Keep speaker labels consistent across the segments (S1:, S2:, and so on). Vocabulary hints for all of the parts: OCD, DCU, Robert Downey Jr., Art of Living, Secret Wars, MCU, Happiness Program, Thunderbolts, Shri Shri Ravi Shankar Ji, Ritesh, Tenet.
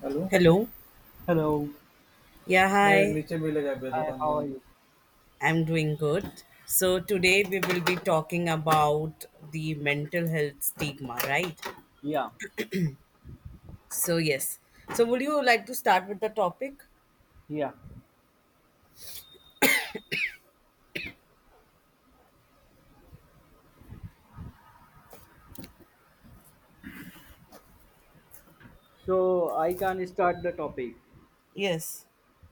S1: Hello? Hello.
S2: Hello.
S1: Yeah, मैं hi. नीचे मिलेगा अभी
S2: Hi,
S1: दुकान
S2: how are
S1: बंद
S2: you?
S1: I'm doing good. So today we will be talking about the mental health stigma, right?
S2: Yeah,
S1: So yes. So would you like to start with the topic?
S2: yeah. So I can start the topic.
S1: Yes.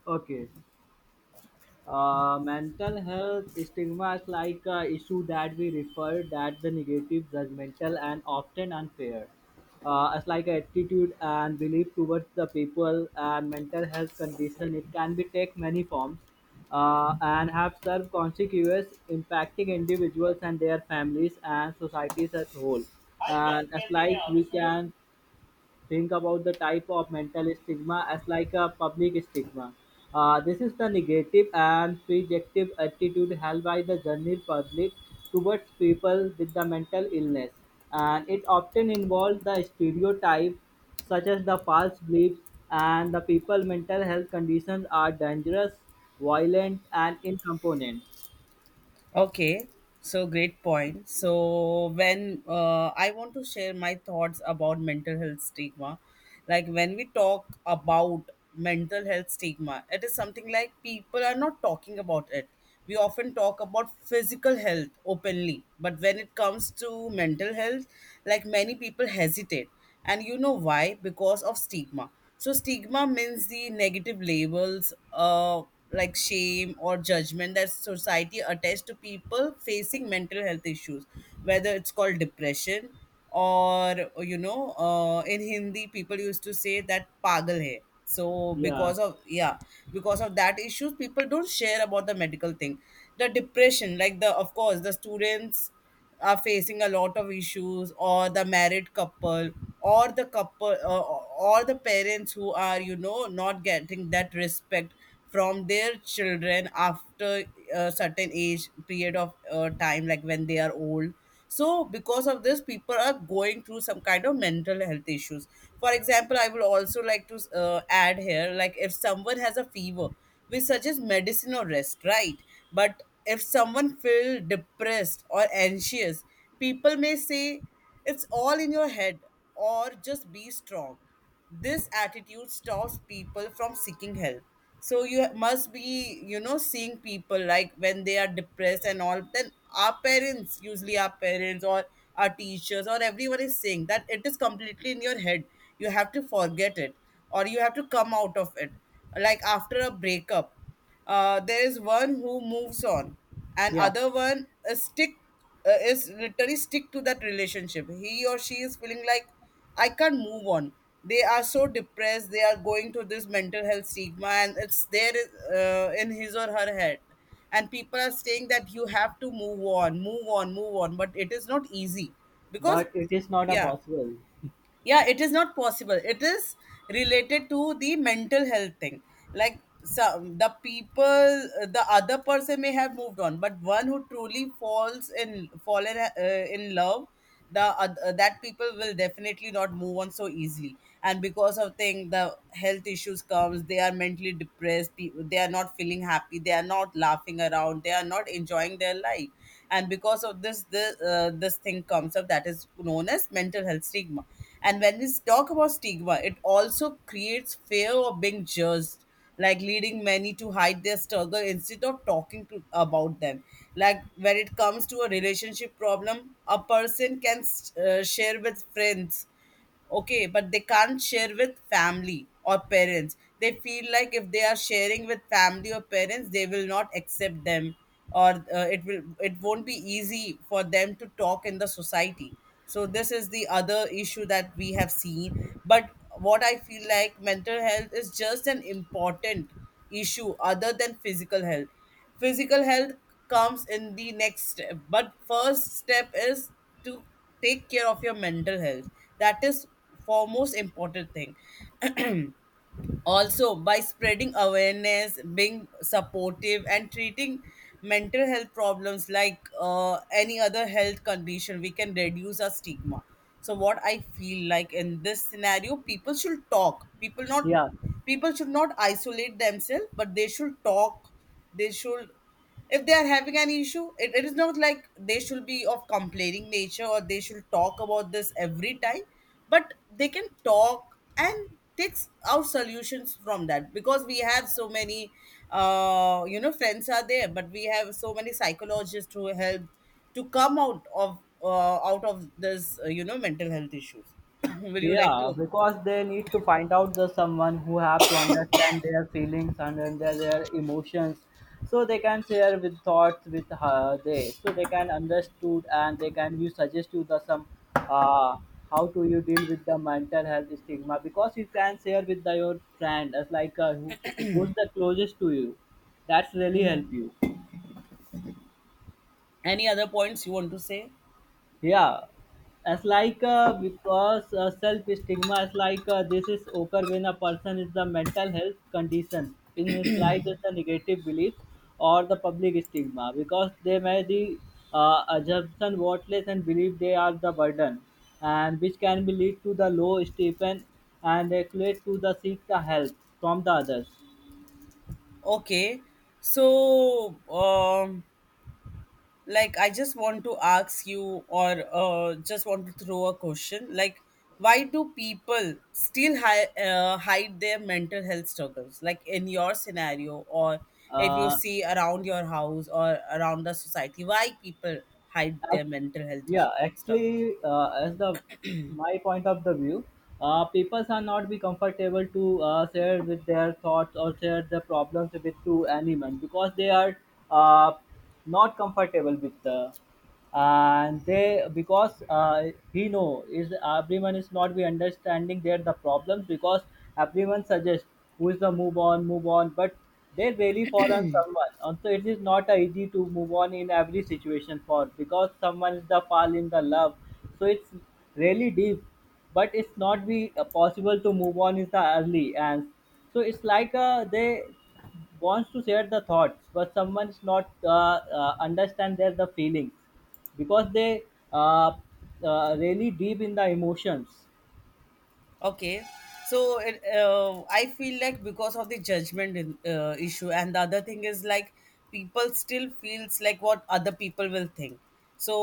S2: Okay. Mental health stigma is like a issue that we refer that the negative, judgmental, and often unfair. It's like attitude and belief towards the people and mental health condition. It can be take many forms and have served consequences impacting individuals and their families and societies as whole.
S1: Hi friend
S2: And it's
S1: कैसे हैं
S2: like
S1: आप
S2: we
S1: इस video
S2: can think about the type of mental stigma as like a public stigma. This is the negative and prejective attitude held by the general public towards people with the mental illness, and it often involves the stereotype such as the false beliefs and the people mental health conditions are dangerous, violent, and incomponent.
S1: Okay, so great point. So when I want to share my thoughts about mental health stigma, like when we talk about mental health stigma, it is something like people are not talking about it. We often talk about physical health openly, but when it comes to mental health, like many people hesitate. And you know why? Because of stigma. So stigma means the negative labels, like shame or judgment that society attaches to people facing mental health issues, whether it's called depression or in Hindi people used to say that pagal hai. So
S2: Yeah,
S1: because of because of that issues, people don't share about the medical thing. The depression, like the of course the students are facing a lot of issues or the married couple or the parents who are you know not getting that respect from their children after a certain age period of time, like when they are old. So because of this, people are going through some kind of mental health issues. For example, I will also like to add here, like if someone has a fever, we suggest medicine or rest, right? But if someone feel depressed or anxious, people may say it's all in your head or just be strong. This attitude stops people from seeking help. So you must be, you know, seeing people like when they are depressed and all, then our parents, usually our teachers or everyone is saying that it is completely in your head. You have to forget it or you have to come out of it, like after a breakup. There is one who moves on and
S2: yeah,
S1: other one stick, is literally stick to that relationship. He or she is feeling like I can't move on. They are so depressed. They are going to this mental health stigma and it's there in his or her head. And people are saying that you have to move on, move on, move on, but it is not easy because
S2: but it is not a
S1: yeah,
S2: possible.
S1: yeah, it is not possible. It is related to the mental health thing. Like some the people, the other person may have moved on, but one who truly falls in fallen in love, the that people will definitely not move on so easily. And because of thing, the health issues comes. They are mentally depressed. They are not feeling happy. They are not laughing around. They are not enjoying their life. And because of this, the this thing comes up that is known as mental health stigma. And when we talk about stigma, it also creates fear of being judged, like leading many to hide their struggle instead of talking to, about them. Like when it comes to a relationship problem, a person can share with friends, okay, but they can't share with family or parents. They feel like if they are sharing with family or parents, they will not accept them, or it will, it won't be easy for them to talk in the society. So this is the other issue that we have seen. But what I feel like mental health is just an important issue other than physical health. Physical health comes in the next step, but first step is to take care of your mental health. That is foremost important thing. Also, by spreading awareness, being supportive, and treating mental health problems like any other health condition, we can reduce our stigma. So, what I feel like in this scenario, people should talk.
S2: Yeah,
S1: People should not isolate themselves, but they should talk. They should, if they are having an issue, it is not like they should be of complaining nature or they should talk about this every time, but they can talk and take out solutions from that, because we have so many friends are there, but we have so many psychologists who help to come out of this mental health issues. Will you like
S2: Yeah,
S1: to
S2: because they need to find out the someone who have to understand their feelings and then their emotions, so they can share with thoughts with her they so they can understood and they can you suggest you the some uh how to you deal with the mental health stigma, because you can share with your friend as like who who's the closest to you, that's really
S1: Mhm.
S2: help you.
S1: Any other points you want to say?
S2: Yeah, it's like because self stigma is like this is okay when a person is the mental health condition in his life is the negative beliefs or the public stigma, because they may the assumption worthless and believe they are the burden, and which can be lead to the low stipend and equate to the seek the help from the others.
S1: Okay, so um like I just want to ask you, or just want to throw a question like, why do people still hide their mental health struggles, like in your scenario, or if you
S2: Uh,
S1: see around your house or around the society, why people hide their mental health issue,
S2: Yeah,
S1: struggles?
S2: actually, as the my point of the view, people are not be comfortable to share with their thoughts or share the problems with to anyone because they are uh, not comfortable with the and they because he know is everyone is not be understanding there the problems, because everyone suggests who is the move on move on, but they really fall on someone and so it is not a easy to move on in every situation for because someone is the fall in the love, so it's really deep, but it's not be possible to move on is the early. And so it's like they wants to share the thoughts, but someone is not understand their the feelings because they uh, really deep in the emotions.
S1: Okay, so I feel like because of the judgment in, issue, and the other thing is like people still feels like what other people will think.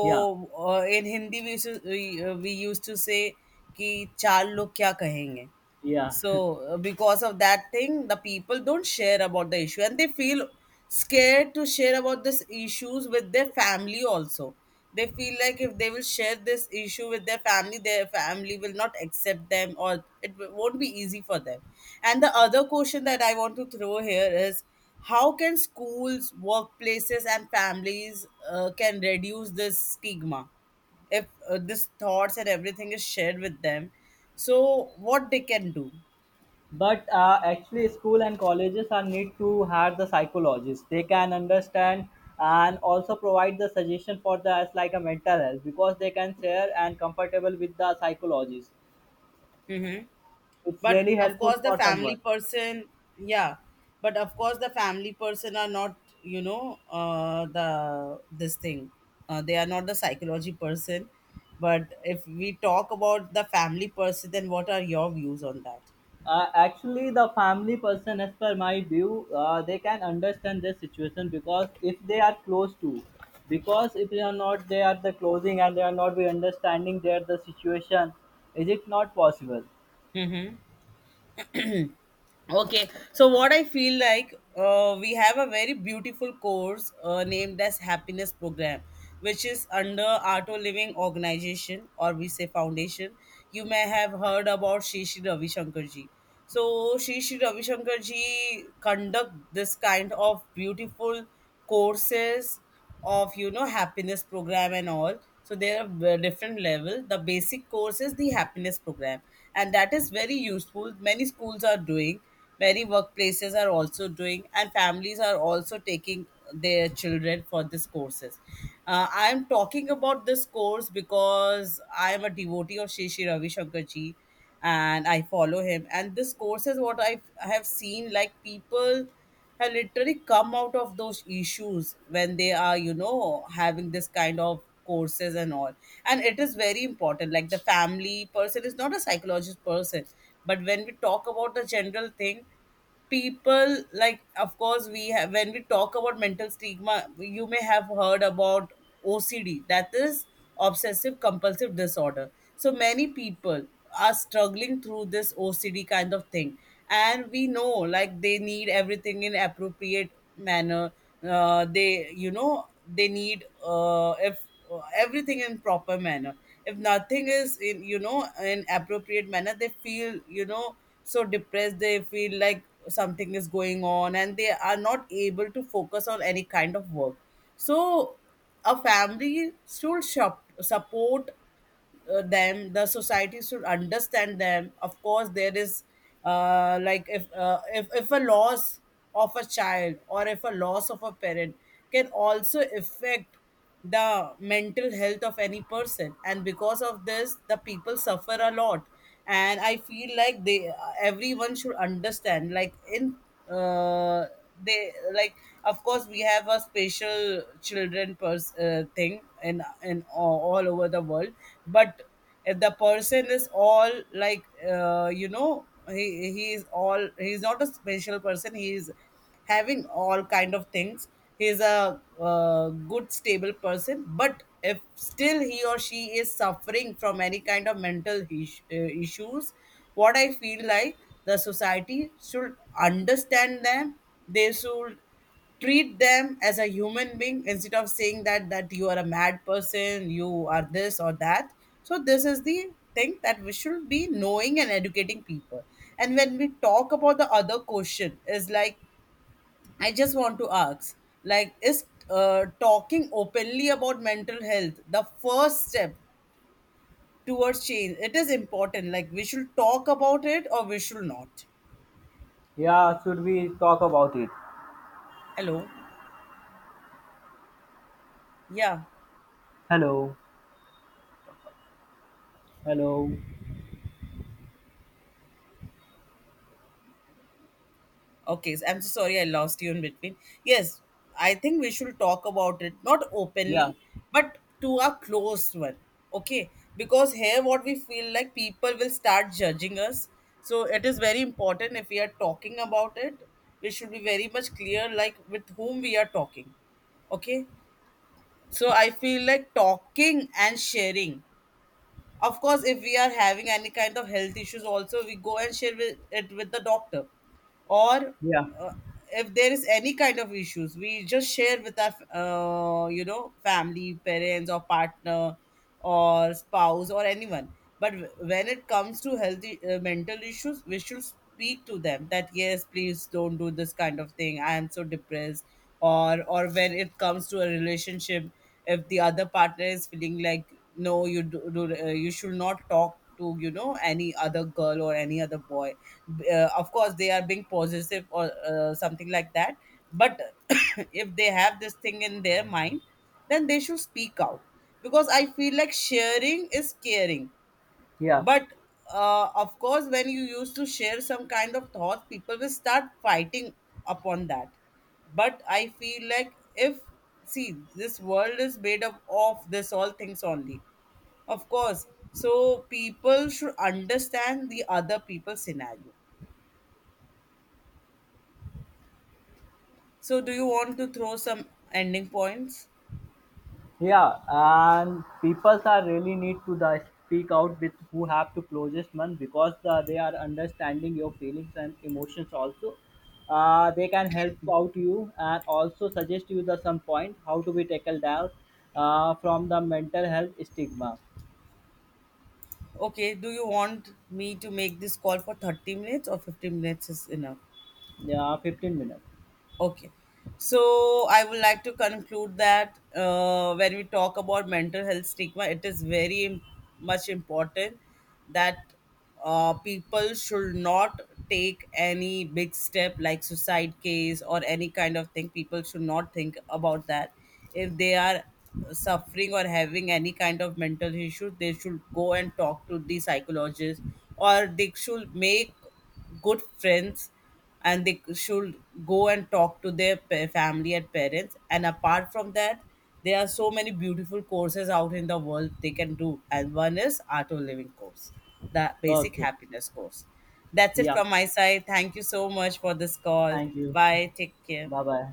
S2: yeah
S1: in Hindi we used to say कि चार लोग क्या कहेंगे.
S2: yeah
S1: So because of that thing, the people don't share about the issue and they feel scared to share about these issues with their family also. They feel like if they will share this issue with their family will not accept them, or won't be easy for them. And the other question that I want to throw here is, how can schools, workplaces and families can reduce this stigma? If this thoughts and everything is shared with them, so what they can do?
S2: but actually school and colleges are need to have the psychologists, they can understand and also provide the suggestion for the as like a mental health, because they can share and comfortable with the psychologist. It's
S1: But
S2: really
S1: of
S2: helpful
S1: course the
S2: for
S1: family
S2: someone.
S1: person, yeah, but of course the family person are not, you know, the this thing, they are not the psychology person. But if we talk about the family person, then what are your views on that?
S2: Actually, the family person, as per my view, they can understand this situation because if they are close to, because if they are not, they are the closing and they are not be understanding their the situation. Is it not possible?
S1: Hmm. Okay, so what I feel like, we have a very beautiful course named as Happiness Program, which is under Auto Living Organization, or we say Foundation. You may have heard about Shri Shri Ravi Shankar Ji. So Shri Shri Ravi Shankar Ji conduct this kind of beautiful courses of, you know, happiness program and all. So there are different level. The basic course is the happiness program, and that is very useful. Many schools are doing, many workplaces are also doing, and families are also taking their children for these courses. I am talking about this course because I am a devotee of Shri Shri Ravi Shankar Ji, and I follow him. And this course is what I have seen, like people and literally come out of those issues when they are, you know, having this kind of courses and all. And it is very important, like the family person is not a psychologist person. But when we talk about the general thing, people like, of course we have, when we talk about mental stigma, you may have heard about OCD, that is obsessive compulsive disorder. So many people are struggling through this OCD kind of thing. And we know like they need everything in appropriate manner. They, you know, they need, if everything in proper manner. If nothing is in, you know, in appropriate manner, they feel, you know, so depressed. They feel like something is going on and they are not able to focus on any kind of work. So a family should support them. The society should understand them. Of course there is, like if a loss of a child or if a loss of a parent can also affect the mental health of any person, and because of this the people suffer a lot. And I feel like they everyone should understand, like in, uh, they like of course we have a special children thing in, all over the world. But if the person is all like, uh, you know he he is all he's not a special person. He is having all kind of things. He is a good stable person. But if still he or she is suffering from any kind of mental issues, what I feel like, the society should understand them. They should treat them as a human being, instead of saying that you are a mad person, you are this or that. So this is the thing that we should be knowing and educating people. And when we talk about, the other question is like, I just want to ask, like is talking openly about mental health the first step towards change? It is important, like we should talk about it or we should not?
S2: Yeah, should we talk about it?
S1: Hello. Yeah.
S2: Hello, hello.
S1: Okay, so I'm so sorry I lost you in between. Yes, I think we should talk about it, not
S2: Yeah,
S1: openly, but to our close one. Okay, because here what we feel like, people will start judging us. So it is very important, if we are talking about it, we should be very much clear, like with whom we are talking. Okay, so I feel like talking and sharing. Of course, if we are having any kind of health issues, also we go and share with, it with the doctor. Or
S2: yeah,
S1: uh, if there is any kind of issues, we just share with our, you know, family, parents, or partner, or spouse, or anyone. But when it comes to healthy mental issues, we should speak to them that yes, please don't do this kind of thing. I am so depressed. Or when it comes to a relationship, if the other partner is feeling like, no, do you should not talk to, you know, any other girl or any other boy. Of course they are being possessive or something like that. But if they have this thing in their mind, then they should speak out, because I feel like sharing is caring.
S2: yeah.
S1: But of course, when you used to share some kind of thoughts, people will start fighting upon that. But I feel like if, see, this world is made up of this all things only. Of course. So people should understand the other people's scenario. So do you want to throw some ending points?
S2: Yeah, and people are really need to the speak out with who have the closest one, because the they are understanding your feelings and emotions also. They can help out you and also suggest you the some point how to be tackled out from the mental health stigma.
S1: Okay, do you want me to make this call for 30 minutes or 15 minutes is enough?
S2: Yeah, 15 minutes.
S1: Okay. So I would like to conclude that when we talk about mental health stigma, it is very much important, that people should not take any big step like suicide case or any kind of thing. People should not think about that. If they are suffering or having any kind of mental issue, they should go and talk to the psychologist, or they should make good friends, and they should go and talk to their family and parents. And apart from that, there are so many beautiful courses out in the world they can do, and one is Art of Living course, the basic
S2: Okay.
S1: happiness course. That's it
S2: Yeah.
S1: from my side. Thank you so much for this call.
S2: Thank you.
S1: Bye, take care.
S2: Bye bye.